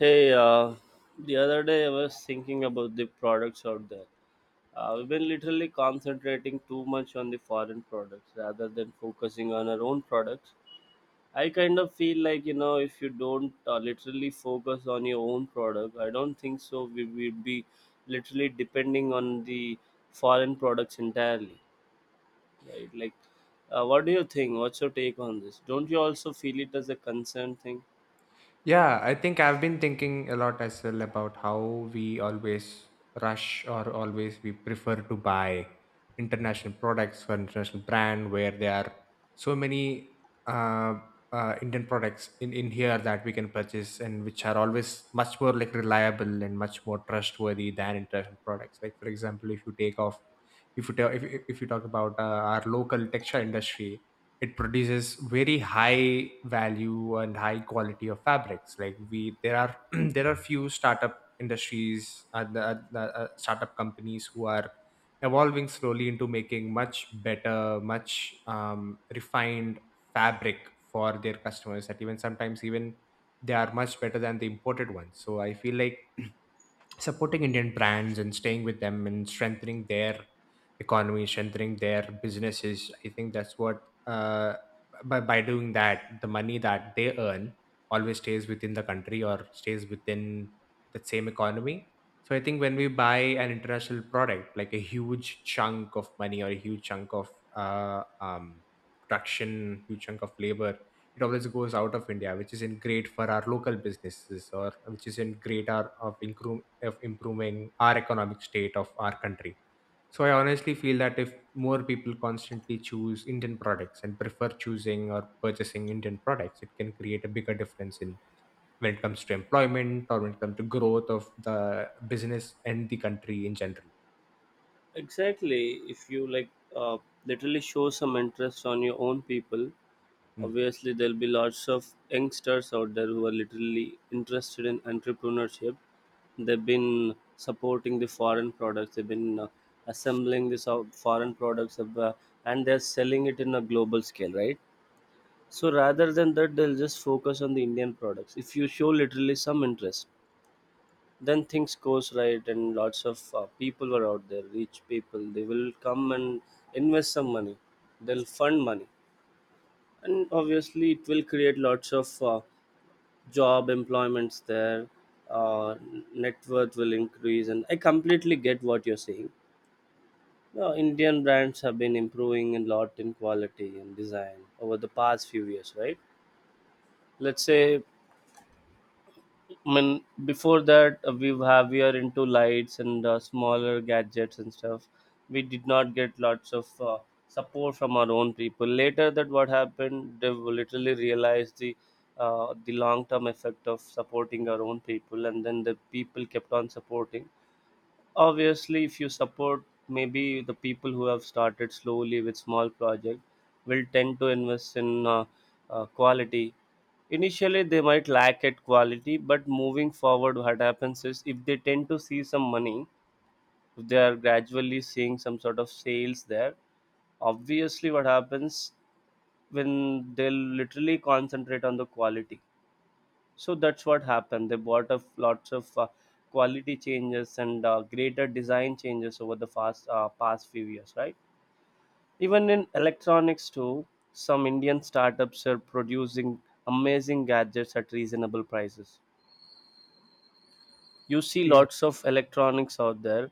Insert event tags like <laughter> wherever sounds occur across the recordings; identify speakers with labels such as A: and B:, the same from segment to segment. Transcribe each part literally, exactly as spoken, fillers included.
A: Hey, uh, the other day I was thinking about the products out there. Uh, we've been literally concentrating too much on the foreign products rather than focusing on our own products. I kind of feel like, you know, if you don't uh, literally focus on your own product, I don't think so. We would be literally depending on the foreign products entirely, right? Like, uh, what do you think? What's your take on this? Don't you also feel it as a concern thing?
B: Yeah, I think I've been thinking a lot as well about how we always rush or always we prefer to buy international products for international brand where there are so many uh, uh, Indian products in, in here that we can purchase and which are always much more like reliable and much more trustworthy than international products. Like for example, if you take off, if you tell, if, if if you talk about uh, our local textile industry, it produces very high value and high quality of fabrics like we there are <clears throat> there are few startup industries uh, the, the uh, startup companies who are evolving slowly into making much better much um, refined fabric for their customers that even sometimes even they are much better than the imported ones. So I feel like supporting Indian brands and staying with them and strengthening their economy, strengthening their businesses. I think that's what uh, by by doing that, the money that they earn always stays within the country or stays within the same economy. So I think when we buy an international product, like a huge chunk of money or a huge chunk of uh, um, production, huge chunk of labor, it always goes out of India, which isn't great for our local businesses or which isn't great our, of, improve, of improving our economic state of our country. So I honestly feel that if more people constantly choose Indian products and prefer choosing or purchasing Indian products, it can create a bigger difference in when it comes to employment or when it comes to growth of the business and the country in general.
A: Exactly. If you like uh, literally show some interest on your own people,
B: Mm.
A: obviously there'll be lots of youngsters out there who are literally interested in entrepreneurship. They've been supporting the foreign products. They've been uh, assembling the so- foreign products of, uh, and they're selling it in a global scale, right? So rather than that, they'll just focus on the Indian products. If you show literally some interest, then things goes right and lots of uh, people are out there, rich people, they will come and invest some money, they'll fund money, and obviously it will create lots of uh, job employments there, uh, net worth will increase. And I completely get what you're saying. Now, Indian brands have been improving a lot in quality and design over the past few years, right? Let's say, I mean, before that uh, we have we are into lights and uh, smaller gadgets and stuff. We did not get lots of uh, support from our own people. Later, that what happened, they literally realized the uh, the long term effect of supporting our own people, and then the people kept on supporting. Obviously if you support, maybe the people who have started slowly with small project will tend to invest in uh, uh, quality. Initially they might lack at quality, but moving forward what happens is if they tend to see some money, if they are gradually seeing some sort of sales there, obviously what happens, when they'll literally concentrate on the quality. So that's what happened. They bought of lots of uh, quality changes and uh, greater design changes over the fast uh, past few years, right? Even in electronics too, some Indian startups are producing amazing gadgets at reasonable prices. You see
B: Yes,
A: lots of electronics out there,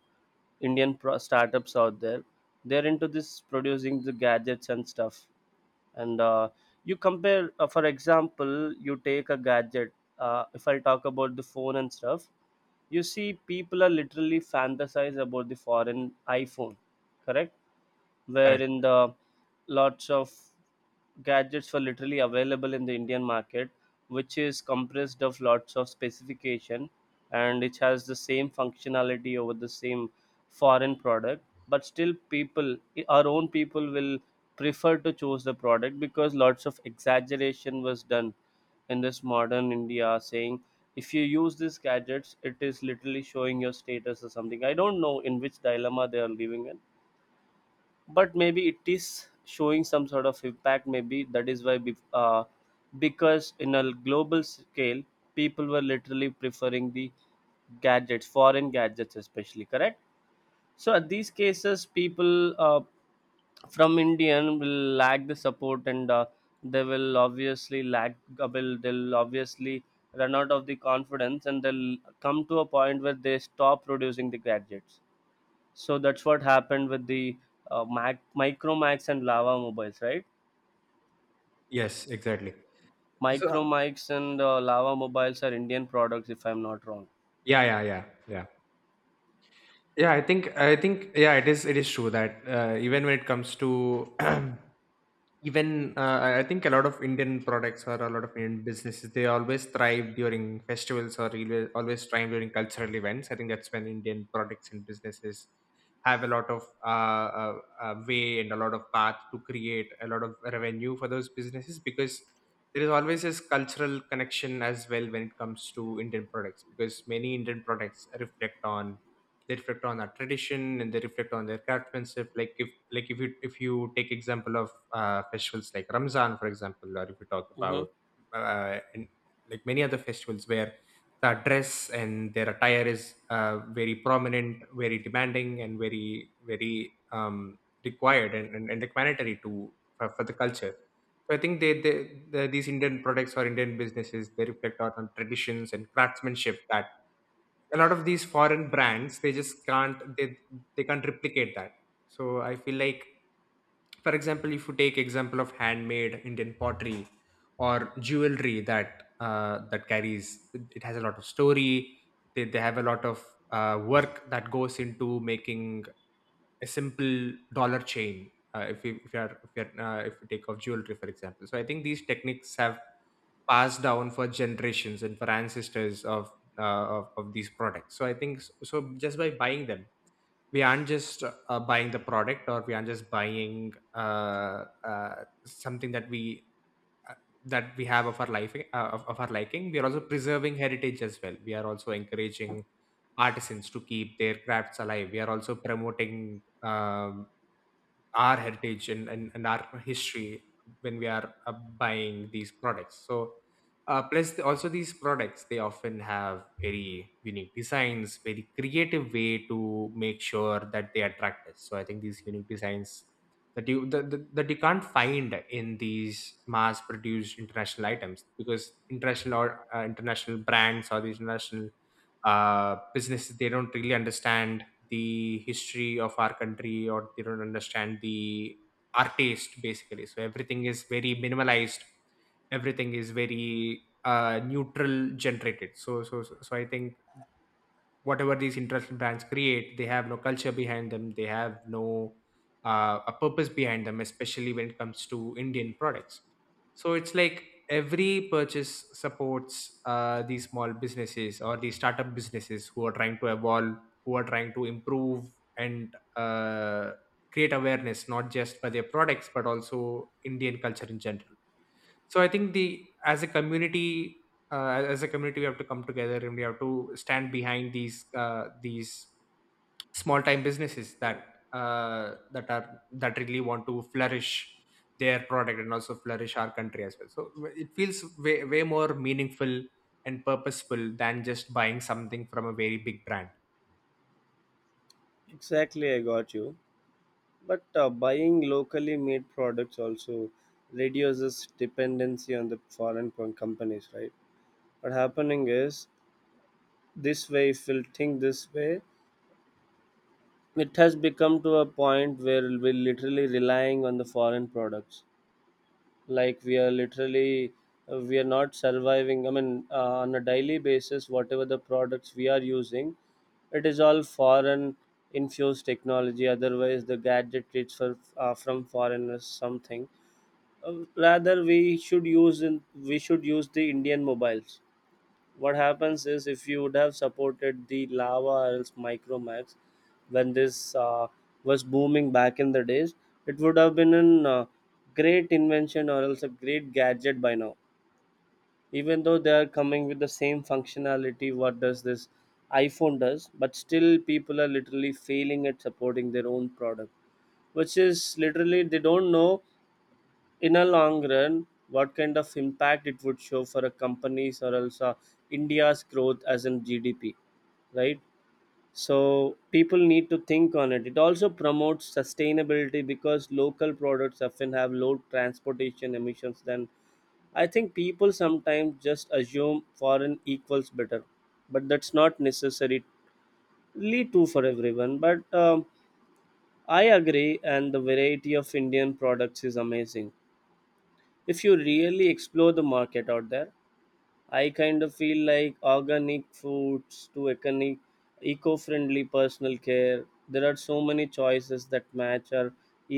A: Indian pro- startups out there. They're into this producing the gadgets and stuff. And uh, you compare, uh, for example, you take a gadget. Uh, if I talk about the phone and stuff, you see people are literally fantasize about the foreign iphone, correct,
B: correct.
A: wherein the lots of gadgets were literally available in the Indian market, which is compressed of lots of specification, and it has the same functionality over the same foreign product. But still, people, our own people, will prefer to choose the product because lots of exaggeration was done in this modern India, saying if you use these gadgets, it is literally showing your status or something. I don't know in which dilemma they are living in, but maybe it is showing some sort of impact. Maybe that is why bef- uh, because in a global scale people were literally preferring the gadgets, foreign gadgets especially, correct. So at these cases people uh, from indian will lack the support and uh, they will obviously lack, uh, will they'll obviously run out of the confidence, and they'll come to a point where they stop producing the gadgets. So that's what happened with the uh, Mac, Micromax and Lava mobiles, right?
B: Yes, exactly. So
A: Micromax and uh, Lava mobiles are Indian products, if I'm not wrong.
B: yeah, yeah, yeah, yeah. yeah i think i think yeah, it is it is true that uh, even when it comes to <clears throat> even uh, i I think a lot of Indian products or a lot of Indian businesses, they always thrive during festivals or always always thrive during cultural events. I think that's when Indian products and businesses have a lot of uh, uh, uh, way and a lot of path to create a lot of revenue for those businesses, because there is always this cultural connection as well when it comes to Indian products, because many Indian products reflect on they reflect on our tradition and they reflect on their craftsmanship. Like if like if you if you take example of uh, festivals like Ramzan for example, or if you talk
A: Hmm.
B: about uh, and like many other festivals where the dress and their attire is uh, very prominent, very demanding and very very um, required and, and, and requiretory to for, for the culture. So I think they, they, the these Indian products or Indian businesses, they reflect out on traditions and craftsmanship that a lot of these foreign brands they just can't they they can't replicate that. So I feel like, for example, if you take example of handmade Indian pottery or jewelry that uh, that carries it has a lot of story. they, they have a lot of uh, work that goes into making a simple dollar chain. Uh, if you if you are if you are, uh, if you take off jewelry for example. So I think these techniques have passed down for generations and for ancestors of uh, of, of these products. So I think so, so just by buying them, we aren't just uh, buying the product, or we aren't just buying uh, uh, something that we uh, that we have of our life uh, of, of our liking. We are also preserving heritage as well. We are also encouraging artisans to keep their crafts alive. We are also promoting um, our heritage and, and, and our history when we are uh, buying these products. So uh, plus the- also these products, they often have very unique designs, very creative way to make sure that they attract us. So I think these unique designs that you that, that, that you can't find in these mass produced international items, because international or uh, international brands or these international uh, businesses, they don't really understand the history of our country or they don't understand the our taste basically, so everything is very minimalized, everything is very uh, neutral generated. So so so so, I think whatever these interest brands create, they have no culture behind them. They have no uh, a purpose behind them, especially when it comes to Indian products. So it's like every purchase supports uh, these small businesses or these startup businesses who are trying to evolve, who are trying to improve and uh, create awareness, not just for their products, but also Indian culture in general. So I think the, as a community, uh, as a community, we have to come together and we have to stand behind these uh, these small time businesses that uh, that are that really want to flourish their product and also flourish our country as well. So w- it feels way, way more meaningful and purposeful than just buying something from a very big brand.
A: Exactly, I got you. But uh, buying locally made products also reduces dependency on the foreign co- companies, right? What happening is, this way, if we'll think this way, it has become to a point where we're literally relying on the foreign products. Like we are literally uh, we are not surviving. I mean uh, on a daily basis, whatever the products we are using, it is all foreign infused technology, otherwise the gadget it's for, uh, from foreigners something. Uh, rather we should use in, we should use the indian mobiles. What happens is if you would have supported the lava or else micromax when this uh, was booming back in the days, it would have been an uh, great invention or else a great gadget by now, even though they are coming with the same functionality what does this iphone does. But still people are literally failing at supporting their own product, which is literally they don't know, in a long run, what kind of impact it would show for a companies or also India's growth as in G D P, right? So people need to think on it. It also promotes sustainability because local products often have low transportation emissions than, I think people sometimes just assume foreign equals better, but that's not necessarily true for everyone. But um, I agree, and the variety of Indian products is amazing. If you really explore the market out there, I kind of feel like organic foods to economic, eco-friendly personal care, there are so many choices that match or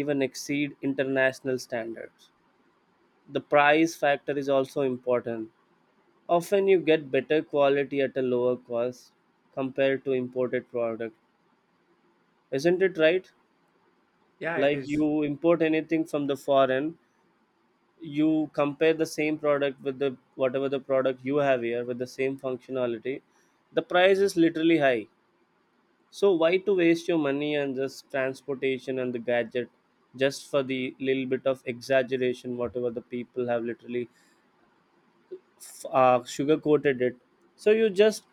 A: even exceed international standards. The price factor is also important. Often you get better quality at a lower cost compared to imported product, isn't it right?
B: Yeah, it
A: Like
B: is.
A: you import anything from the foreign, you compare the same product with the whatever the product you have here with the same functionality, the price is literally high. So why to waste your money and just transportation and the gadget, just for the little bit of exaggeration whatever the people have literally uh, sugar coated it. So you just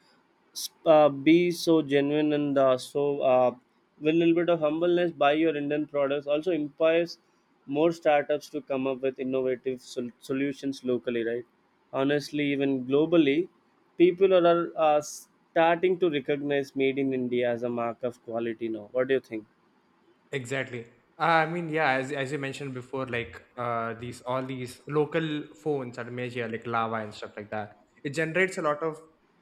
A: uh, be so genuine and uh, so uh, with a little bit of humbleness, buy your indian products. Also empowers more startups to come up with innovative sol- solutions locally, right? Honestly even globally, people are, are uh, starting to recognize made in india as a mark of quality now. What do you think?
B: Exactly. Uh, I mean, yeah, as as you mentioned before, like uh, these all these local phones at Malaysia, like Lava and stuff like that. It generates a lot of.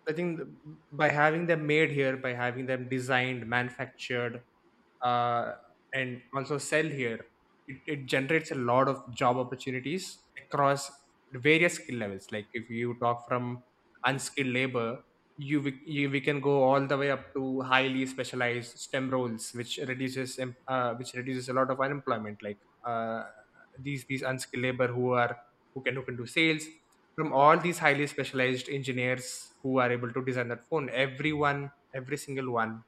B: I think th- by having them made here, by having them designed, manufactured, uh, and also sell here, it, it generates a lot of job opportunities across various skill levels. Like if you talk from unskilled labor, you, we- you we can go all the way up to highly specialized S T E M roles, which reduces em- uh, which reduces a lot of unemployment. Like uh, these these unskilled labor who are who can who can do sales from all these highly specialized engineers who are able to design that phone. Everyone, every single one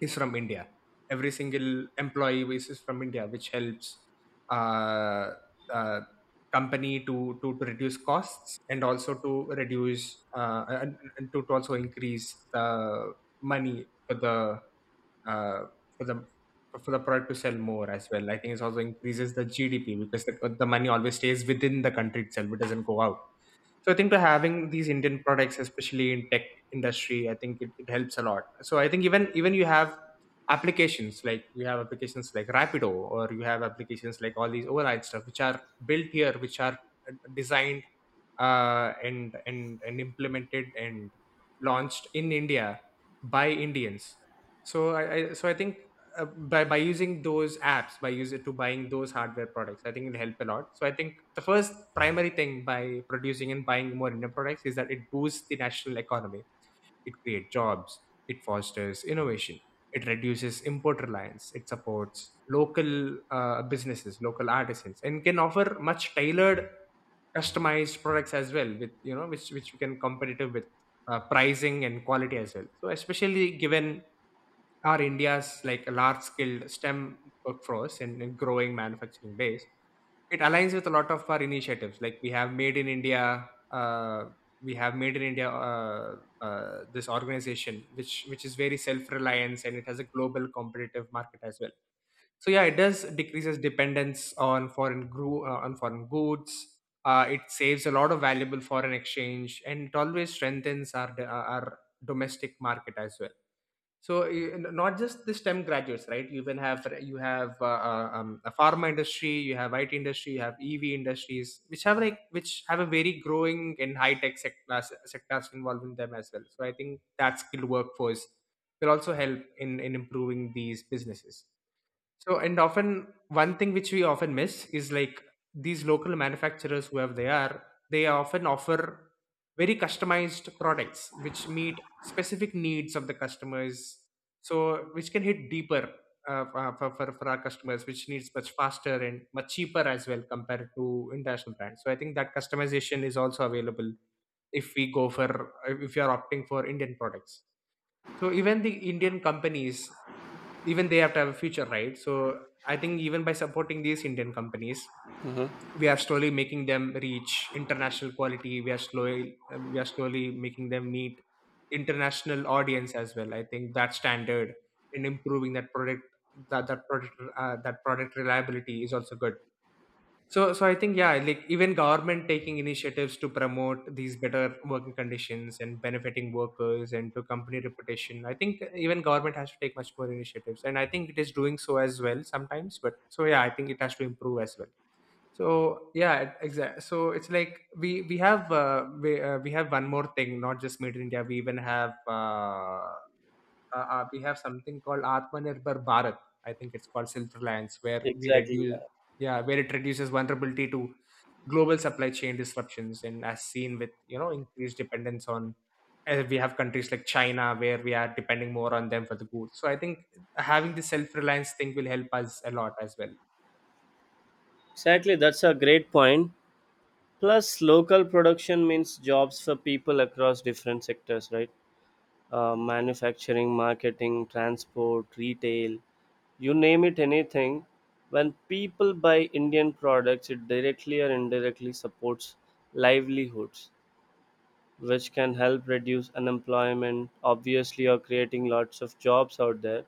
B: is from India. Every single employee is is from India, which helps uh, uh, company to, to to reduce costs and also to reduce uh, and and to, to also increase the money for the uh, for the for the product to sell more as well. I think it also increases the G D P because the, the money always stays within the country itself; it doesn't go out. So I think to having these Indian products, especially in tech industry, I think it, it helps a lot. So I think even even you have applications like you have applications like Rapido, or you have applications like all these override stuff which are built here, which are uh, designed uh, and and and implemented and launched in India by Indians. So i, I so I think uh, by by using those apps, by using to buying those hardware products, I think it'll help a lot. So I think the first primary thing by producing and buying more Indian products is that it boosts the national economy. It creates jobs. It fosters innovation. It reduces import reliance. It supports local uh, businesses, local artisans, and can offer much tailored, customized products as well. With you know, which which we can competitive with uh, pricing and quality as well. So especially given our India's like large skilled S T E M workforce and, and growing manufacturing base, it aligns with a lot of our initiatives. Like we have Made in India, uh, we have Made in India, uh, uh, this organization, which which is very self-reliance and it has a global competitive market as well. So yeah, it does decreases dependence on foreign gro- uh, on foreign goods. Uh, it saves a lot of valuable foreign exchange, and it always strengthens our our domestic market as well. So you- not just the S T E M graduates, right? You even have you have uh, uh, um, a pharma industry, you have I T industry, you have E V industries, which have like which have a very growing and high tech sectors sectors involved in them as well. So I think that skilled workforce will also help in in improving these businesses. So, and often one thing which we often miss is like these local manufacturers, whoever they are, they often offer very customized products which meet specific needs of the customers. So, which can hit deeper uh, for, for, for for our customers, which needs much faster and much cheaper as well compared to international brands. So, I think that customization is also available if we go for, if you are opting for Indian products. So, even the Indian companies even they have to have a future, right? So I think even by supporting these Indian companies, we are slowly making them reach international quality. We are slowly um, we are slowly making them meet international audience as well. I think that standard in improving that product that that product uh, that product reliability is also good. So so I think yeah, like even government taking initiatives to promote these better working conditions and benefiting workers and to company reputation. I think even government has to take much more initiatives, and I think it is doing so as well sometimes. But so yeah, I think it has to improve as well. So yeah, exactly. So it's like we we have uh, we uh, we have one more thing, not just Made in India. We even have uh, uh, uh, we have something called Atmanirbhar Bharat. I think it's called self-reliance, where we
A: Exactly,
B: reduce,
A: yeah.
B: yeah, where it reduces vulnerability to global supply chain disruptions, and as seen with you know increased dependence on, uh, we have countries like China where we are depending more on them for the goods. So I think having the self-reliance thing will help us a lot as well.
A: Exactly, that's a great point point. Plus local production means jobs for people across different sectors, right? Uh, manufacturing, marketing, transport, retail, you name it anything. When people buy Indian products, it directly or indirectly supports livelihoods, which can help reduce unemployment, obviously, or creating lots of jobs out there,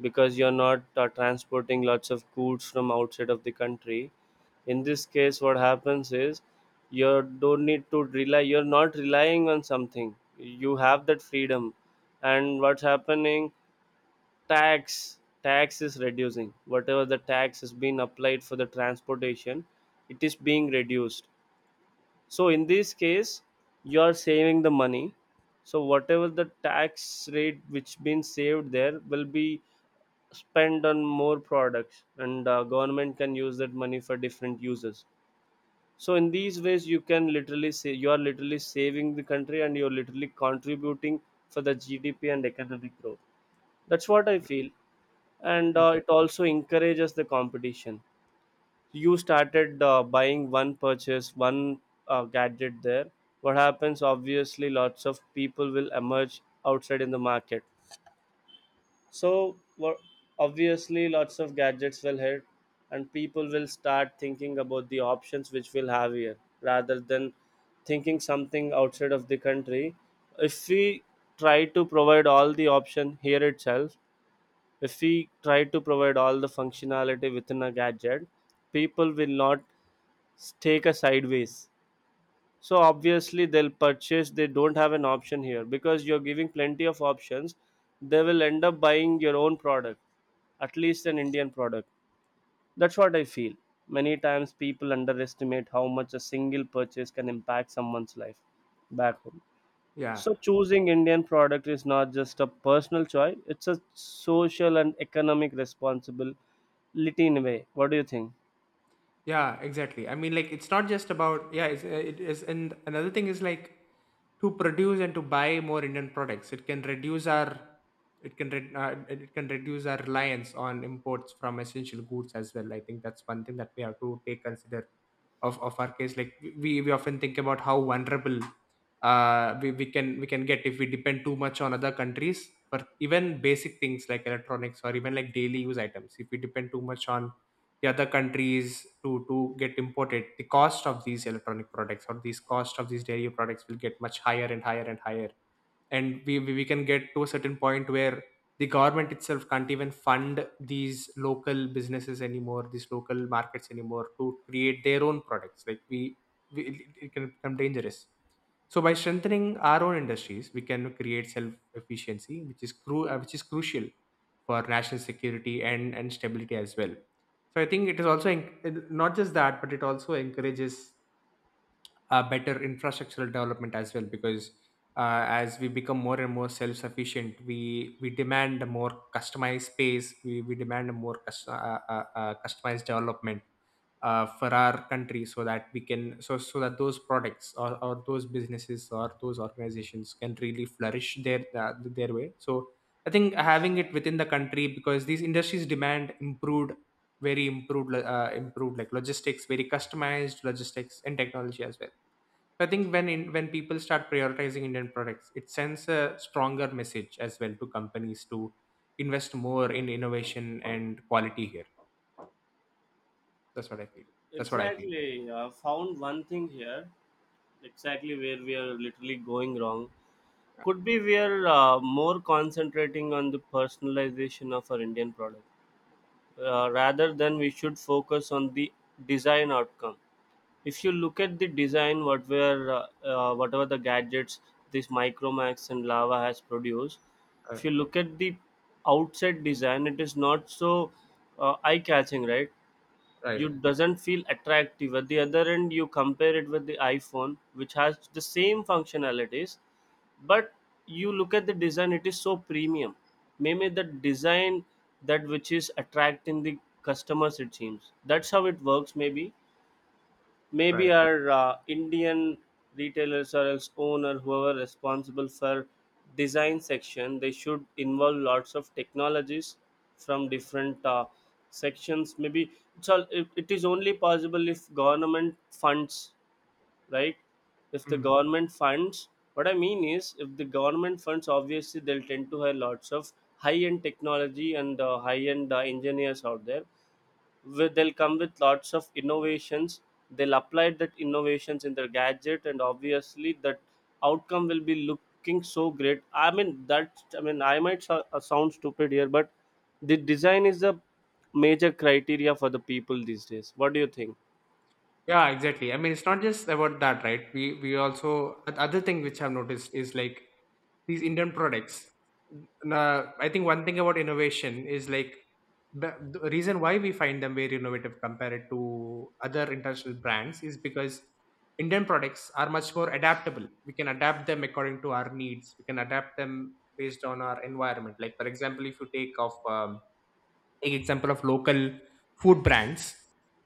A: because you're not uh, transporting lots of goods from outside of the country. In this case what happens is, you don't need to rely, you're not relying on something, you have that freedom. And what's happening, tax tax is reducing, whatever the tax has been applied for the transportation, it is being reduced. So in this case you are saving the money. So whatever the tax rate which been saved there will be spend on more products, and uh, government can use that money for different uses. So in these ways you can literally say you are literally saving the country and you're literally contributing for the GDP and economic growth. That's what I feel. And
B: You
A: uh, it also encourages the competition. You started uh, buying one, purchase one uh, gadget there, what happens, obviously lots of people will emerge outside in the market. So wo- Obviously, lots of gadgets will hit, and people will start thinking about the options which we'll have here, rather than thinking something outside of the country. If we try to provide all the option here itself, if we try to provide all the functionality within a gadget, people will not s- take a sideways. So obviously, they'll purchase. They don't have an option here because you're giving plenty of options. They will end up buying your own product, at least an Indian product. That's what I feel. Many times people underestimate how much a single purchase can impact someone's life back home.
B: yeah.
A: So choosing Indian product is not just a personal choice, it's a social and economic responsibility in a way. What do you think?
B: Yeah, exactly. I mean, like, it's not just about yeah. It's, uh, it is, and another thing is like to produce and to buy more Indian products. It can reduce our it can re- uh, it it can reduce our reliance on imports from essential goods as well. I think that's one thing that we have to take consider of, of our case, like we, we often think about how vulnerable uh, we, we can we can get if we depend too much on other countries for even basic things like electronics or even like daily use items. If we depend too much on the other countries to to get imported, the cost of these electronic products or these cost of these dairy products will get much higher and higher and higher. And we, we we can get to a certain point where the government itself can't even fund these local businesses anymore, these local markets anymore, to create their own products. Like we, we it it can become dangerous. So by strengthening our own industries, we can create self efficiency, which is cru- uh, which is crucial for national security and and stability as well. So I think it is also en- not just that, but it also encourages uh, better infrastructural development as well because uh, as we become more and more self-sufficient, we we demand a more customized space. We, we, demand a more cus- uh, uh, uh, customized development uh, for our country, so that we can so so that those products or, or those businesses or those organizations can really flourish their uh, their way. So I think having it within the country, because these industries demand improved very improved uh, improved like logistics, very customized logistics and technology as well. So I think when in, when people start prioritizing Indian products, it sends a stronger message as well to companies to invest more in innovation and quality here. That's what I feel. That's what I feel.
A: Exactly. I found one thing here, exactly where we are literally going wrong. Could be we are uh, more concentrating on the personalization of our Indian product, uh, rather than we should focus on the design outcome. If you look at the design, what were uh, uh, whatever the gadgets this micromax and lava has produced,
B: Uh,
A: if you look at the outside design, it is not so uh, eye catching, right?
B: right,
A: You doesn't feel attractive. At the other end you compare it with the iphone which has the same functionalities, but you look at the design, it is so premium. Maybe the design, that which is attracting the customers, it seems that's how it works, maybe. Maybe
B: right.
A: our uh, Indian retailers or else owner, whoever responsible for design section, they should involve lots of technologies from different uh, sections. Maybe it's all, it, it is only possible if government funds, right? If the
B: Mm.
A: government funds, what I mean is, if the government funds, obviously they'll tend to have lots of high-end technology and uh, high-end uh, engineers out there with they'll come with lots of innovations. They'll apply that innovations in their gadget, and obviously that outcome will be looking so great. I mean that i mean I might so- uh, sound stupid here, but the design is the major criteria for the people these days. What do you think?
B: Yeah, exactly. I mean, it's not just about that, right? We we also oth- other thing which I've noticed is like these Indian products. Now, I think one thing about innovation is like the, the reason why we find them very innovative compared to other international brands is because Indian products are much more adaptable. We can adapt them according to our needs. We can adapt them based on our environment. Like for example, if you take off um, take example of local food brands.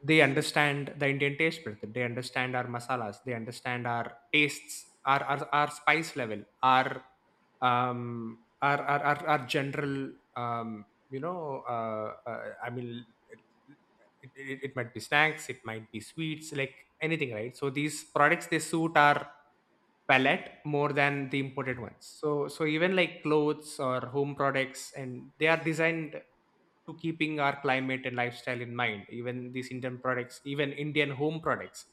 B: They understand the Indian taste method. They understand our masalas. They understand our tastes, our our, our spice level, our um our our, our, our general um you know uh, uh, i mean it, it, it might be snacks, it might be sweets, like anything, right? So these products, they suit our palette more than the imported ones. So so even like clothes or home products, and they are designed to keeping our climate and lifestyle in mind. Even these Indian products, even Indian home products,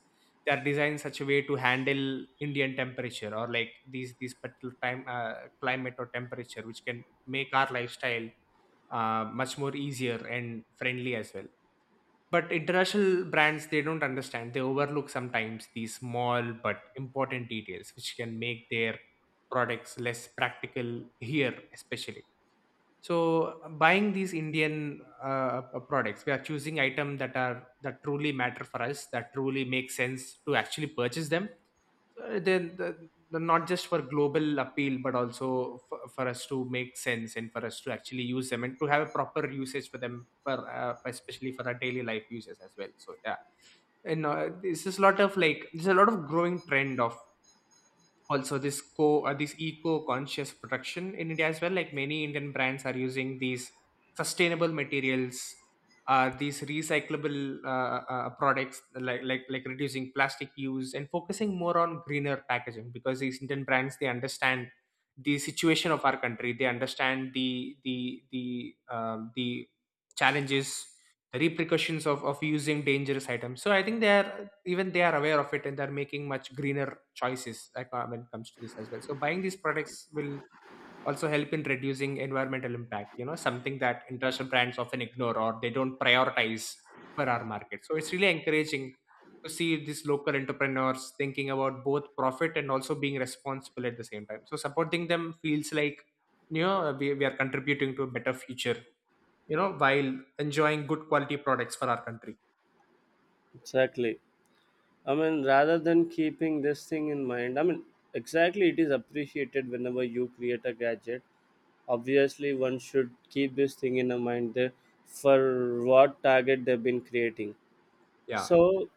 B: they are designed such a way to handle Indian temperature or like these these particular time uh, climate or temperature, which can make our lifestyle uh, much more easier and friendly as well. But international brands, they don't understand. They overlook sometimes these small but important details, which can make their products less practical here, especially. So buying these Indian uh, uh, products, we are choosing items that are that truly matter for us, that truly make sense to actually purchase them. So then the, the, not just for global appeal but also for, for us to make sense and for us to actually use them and to have a proper usage for them, for uh, especially for our daily life uses as well. So yeah, and uh, this is a lot of like there's a lot of growing trend of also this co uh, this eco-conscious production in India as well. Like many Indian brands are using these sustainable materials, uh, these recyclable uh, uh, products, like like like reducing plastic use and focusing more on greener packaging, because these Indian brands, they understand the situation of our country. They understand the the the um, the challenges, repercussions of of using dangerous items. So I think they are even they are aware of it, and they're making much greener choices, like, uh, when it comes to this as well. So buying these products will also help in reducing environmental impact. You know, something that international brands often ignore, or they don't prioritize for our market. So it's really encouraging to see these local entrepreneurs thinking about both profit and also being responsible at the same time. So supporting them feels like, you know we, we are contributing to a better future, you know, while enjoying good quality products for our country.
A: Exactly. I mean, rather than keeping this thing in mind, I mean, exactly, it is appreciated whenever you create a gadget. Obviously, one should keep this thing in a mind there for what target they've been creating.
B: Yeah.
A: So,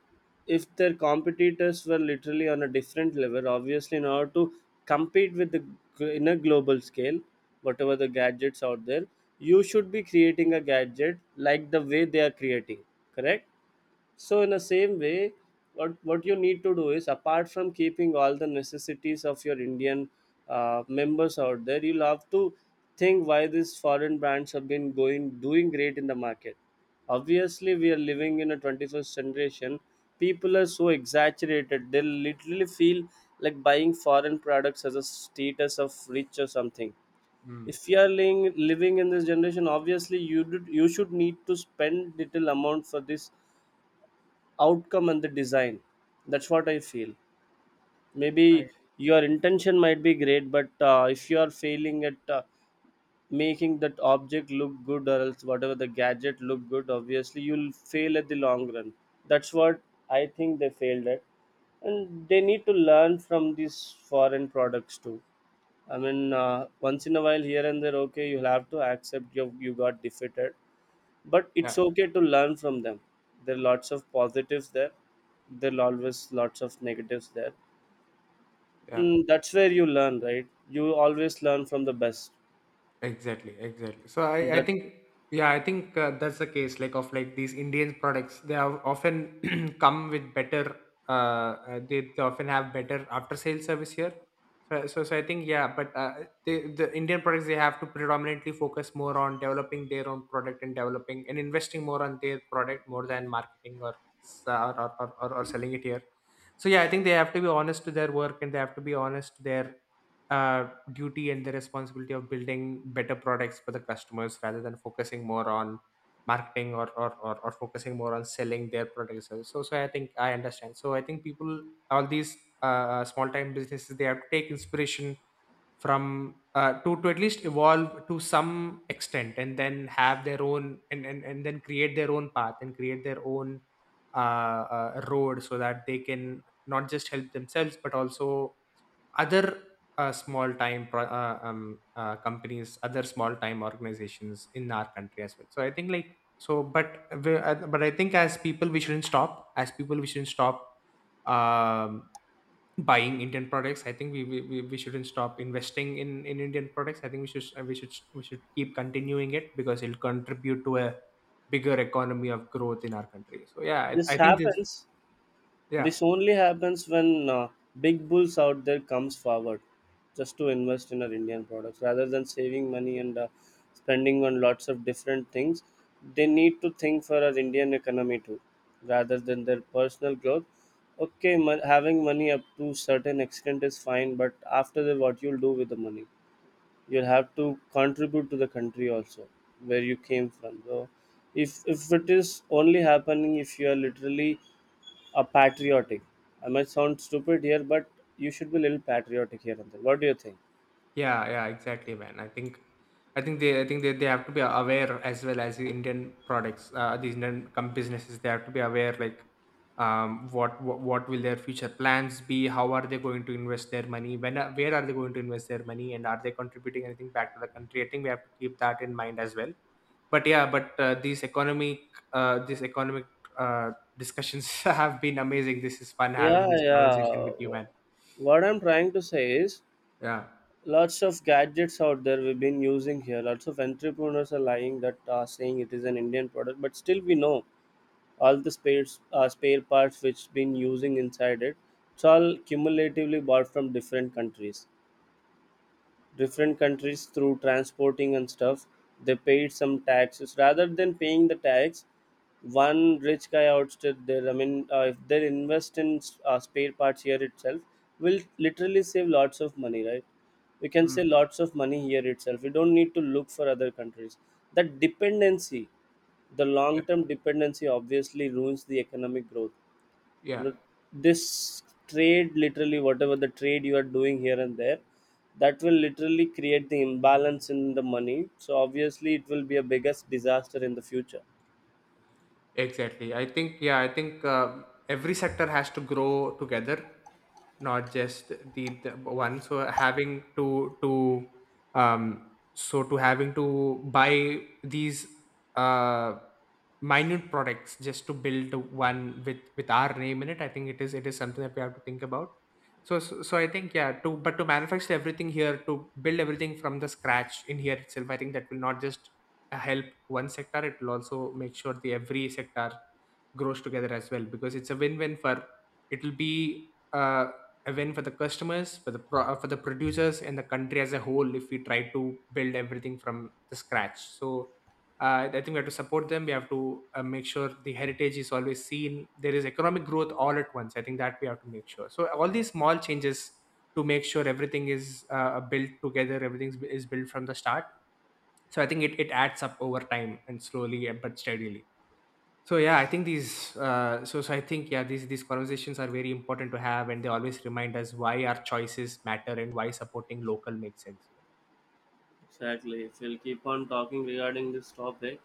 A: if their competitors were literally on a different level, obviously, in order to compete with the gl- in a global scale, whatever the gadgets out there, you should be creating a gadget like the way they are creating, correct? So in the same way, what what you need to do is apart from keeping all the necessities of your Indian uh, members out there, you'll have to think why these foreign brands have been going doing great in the market. Obviously, we are living in a twenty-first generation. People are so exaggerated; they literally feel like buying foreign products as a status of rich or something.
B: Mm.
A: If you are living, living in this generation, obviously you did, you should need to spend little amount for this outcome and the design. That's what I feel.
B: Right.
A: Maybe your intention might be great, but uh, if you are failing at uh, making that object look good or else whatever the gadget look good, obviously you'll fail at the long run. That's what I think they failed at, and they need to learn from these foreign products too. I mean, uh, once in a while here and there, okay, you'll have to accept you you got defeated, but it's
B: Yeah.
A: okay to learn from them. There are lots of positives there. There are always lots of negatives there.
B: Yeah.
A: Mm, that's where you learn, right? You always learn from the best.
B: Exactly, exactly, so i i
A: That
B: think, yeah, I think uh, that's the case like of like these Indian products. They have often <clears throat> come with better uh, uh they, they often have better after sale service here. So, so so I think yeah, but uh, they, the Indian products, they have to predominantly focus more on developing their own product and developing and investing more on their product more than marketing or s- uh, or or, or, or or selling it here. So yeah, I think they have to be honest to their work, and they have to be honest to their uh, duty and the responsibility of building better products for the customers, rather than focusing more on marketing or or, or, or focusing more on selling their products. So so so I think I understand. So I think people, all these uh, small time businesses, they have to take inspiration from uh, to to at least evolve to some extent, and then have their own, and and, and, then create their own path and create their own uh, uh, road so that they can not just help themselves, but also other uh, small time pro- uh, um, uh, companies, other small time organizations in our country as well. So I think like so but we- uh, but I think as people we shouldn't stop, as people we shouldn't stop um, buying Indian products. I think we, we we we shouldn't stop investing in in Indian products. I think we should uh, we should we should keep continuing it, because it'll contribute to a bigger economy of growth in our country. So yeah
A: This
B: i, I think this
A: happens.
B: yeah.
A: This only happens when uh, big bulls out there comes forward just to invest in our Indian products rather than saving money and uh, spending on lots of different things. They need to think for our Indian economy too, rather than their personal growth. Okay, mon- having money up to certain extent is fine, but after that, what you'll do with the money? You'll have to contribute to the country also, where you came from. So, if if it is only happening if you are literally a patriotic. I might sound stupid here, but you should be a little patriotic here and there. What do you think?
B: Yeah, yeah, exactly, man. I think, I think they, I think they, they have to be aware as well, as the Indian products, uh, these Indian com- businesses. They have to be aware, like, um, what, what, what will their future plans be? How are they going to invest their money? When, are- where are they going to invest their money? And are they contributing anything back to the country? I think we have to keep that in mind as well. But yeah, but uh, these economic, uh, these economic uh, discussions <laughs> have been amazing. This is fun having
A: Yeah,
B: this conversation
A: yeah.
B: with you, man.
A: What I'm trying to say is
B: Yeah.
A: lots of gadgets out there we've been using here. Lots of entrepreneurs are lying that are saying it is an Indian product, but still we know all the spares, uh, spare parts which been using inside it. It's all cumulatively bought from different countries. Different countries through transporting and stuff, they paid some taxes rather than paying the tax one rich guy ousted there. I mean, uh, if they invest in uh, spare parts here itself, will literally save lots of money, right? We can
B: Mm,
A: save lots of money here itself. We don't need to look for other countries. That dependency, the long
B: yeah,
A: term dependency obviously ruins the economic growth, you
B: yeah.
A: know. This trade, literally whatever the trade you are doing here and there, that will literally create the imbalance in the money, so obviously it will be a biggest disaster in the future.
B: Exactly. I think, yeah, I think uh, every sector has to grow together, not just the, the one. So having to to um so to having to buy these uh minute products just to build one with with our name in it. I think it is it is something that we have to think about. So so, so I think yeah to, but to manufacture everything here, to build everything from the scratch in here itself. I think that will not just uh, help one sector, it will also make sure the every sector grows together as well, because it's a win-win for, it will be uh, a win for the customers, for the pro- uh, for the producers and the country as a whole, if we try to build everything from the scratch. So uh, I think we have to support them. We have to uh, make sure the heritage is always seen. There is economic growth all at once. I think that we have to make sure. So all these small changes to make sure everything is uh, built together, everything is built from the start. So I think it, it adds up over time and slowly uh, but steadily. So yeah I think these uh, so so I think yeah these these conversations are very important to have, and they always remind us why our choices matter and why supporting local makes sense, you know.
A: Exactly. If we'll keep on talking regarding this topic,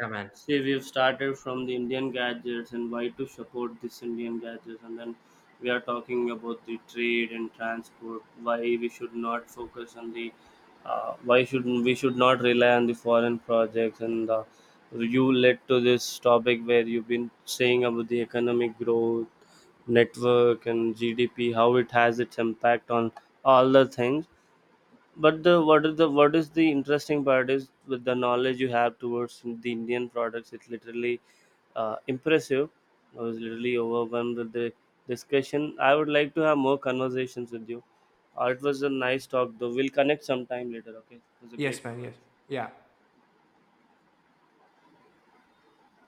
B: Yeah, man.
A: see, we've started from the Indian gadgets and why to support this Indian gadgets, and then we are talking about the trade and transport. Why we should not focus on the, uh, why should we should not rely on the foreign projects? And uh, you led to this topic where you've been saying about the economic growth, network, and G D P, how it has its impact on all the things. But the what is the what is the interesting part is with the knowledge you have towards the Indian products, it's literally uh, impressive. I was literally overwhelmed with the discussion. I would like to have more conversations with you. Uh, it was a nice talk though. We'll connect sometime later. Okay, it was a
B: Yes,
A: great
B: man, yes.
A: conversation.
B: Yeah.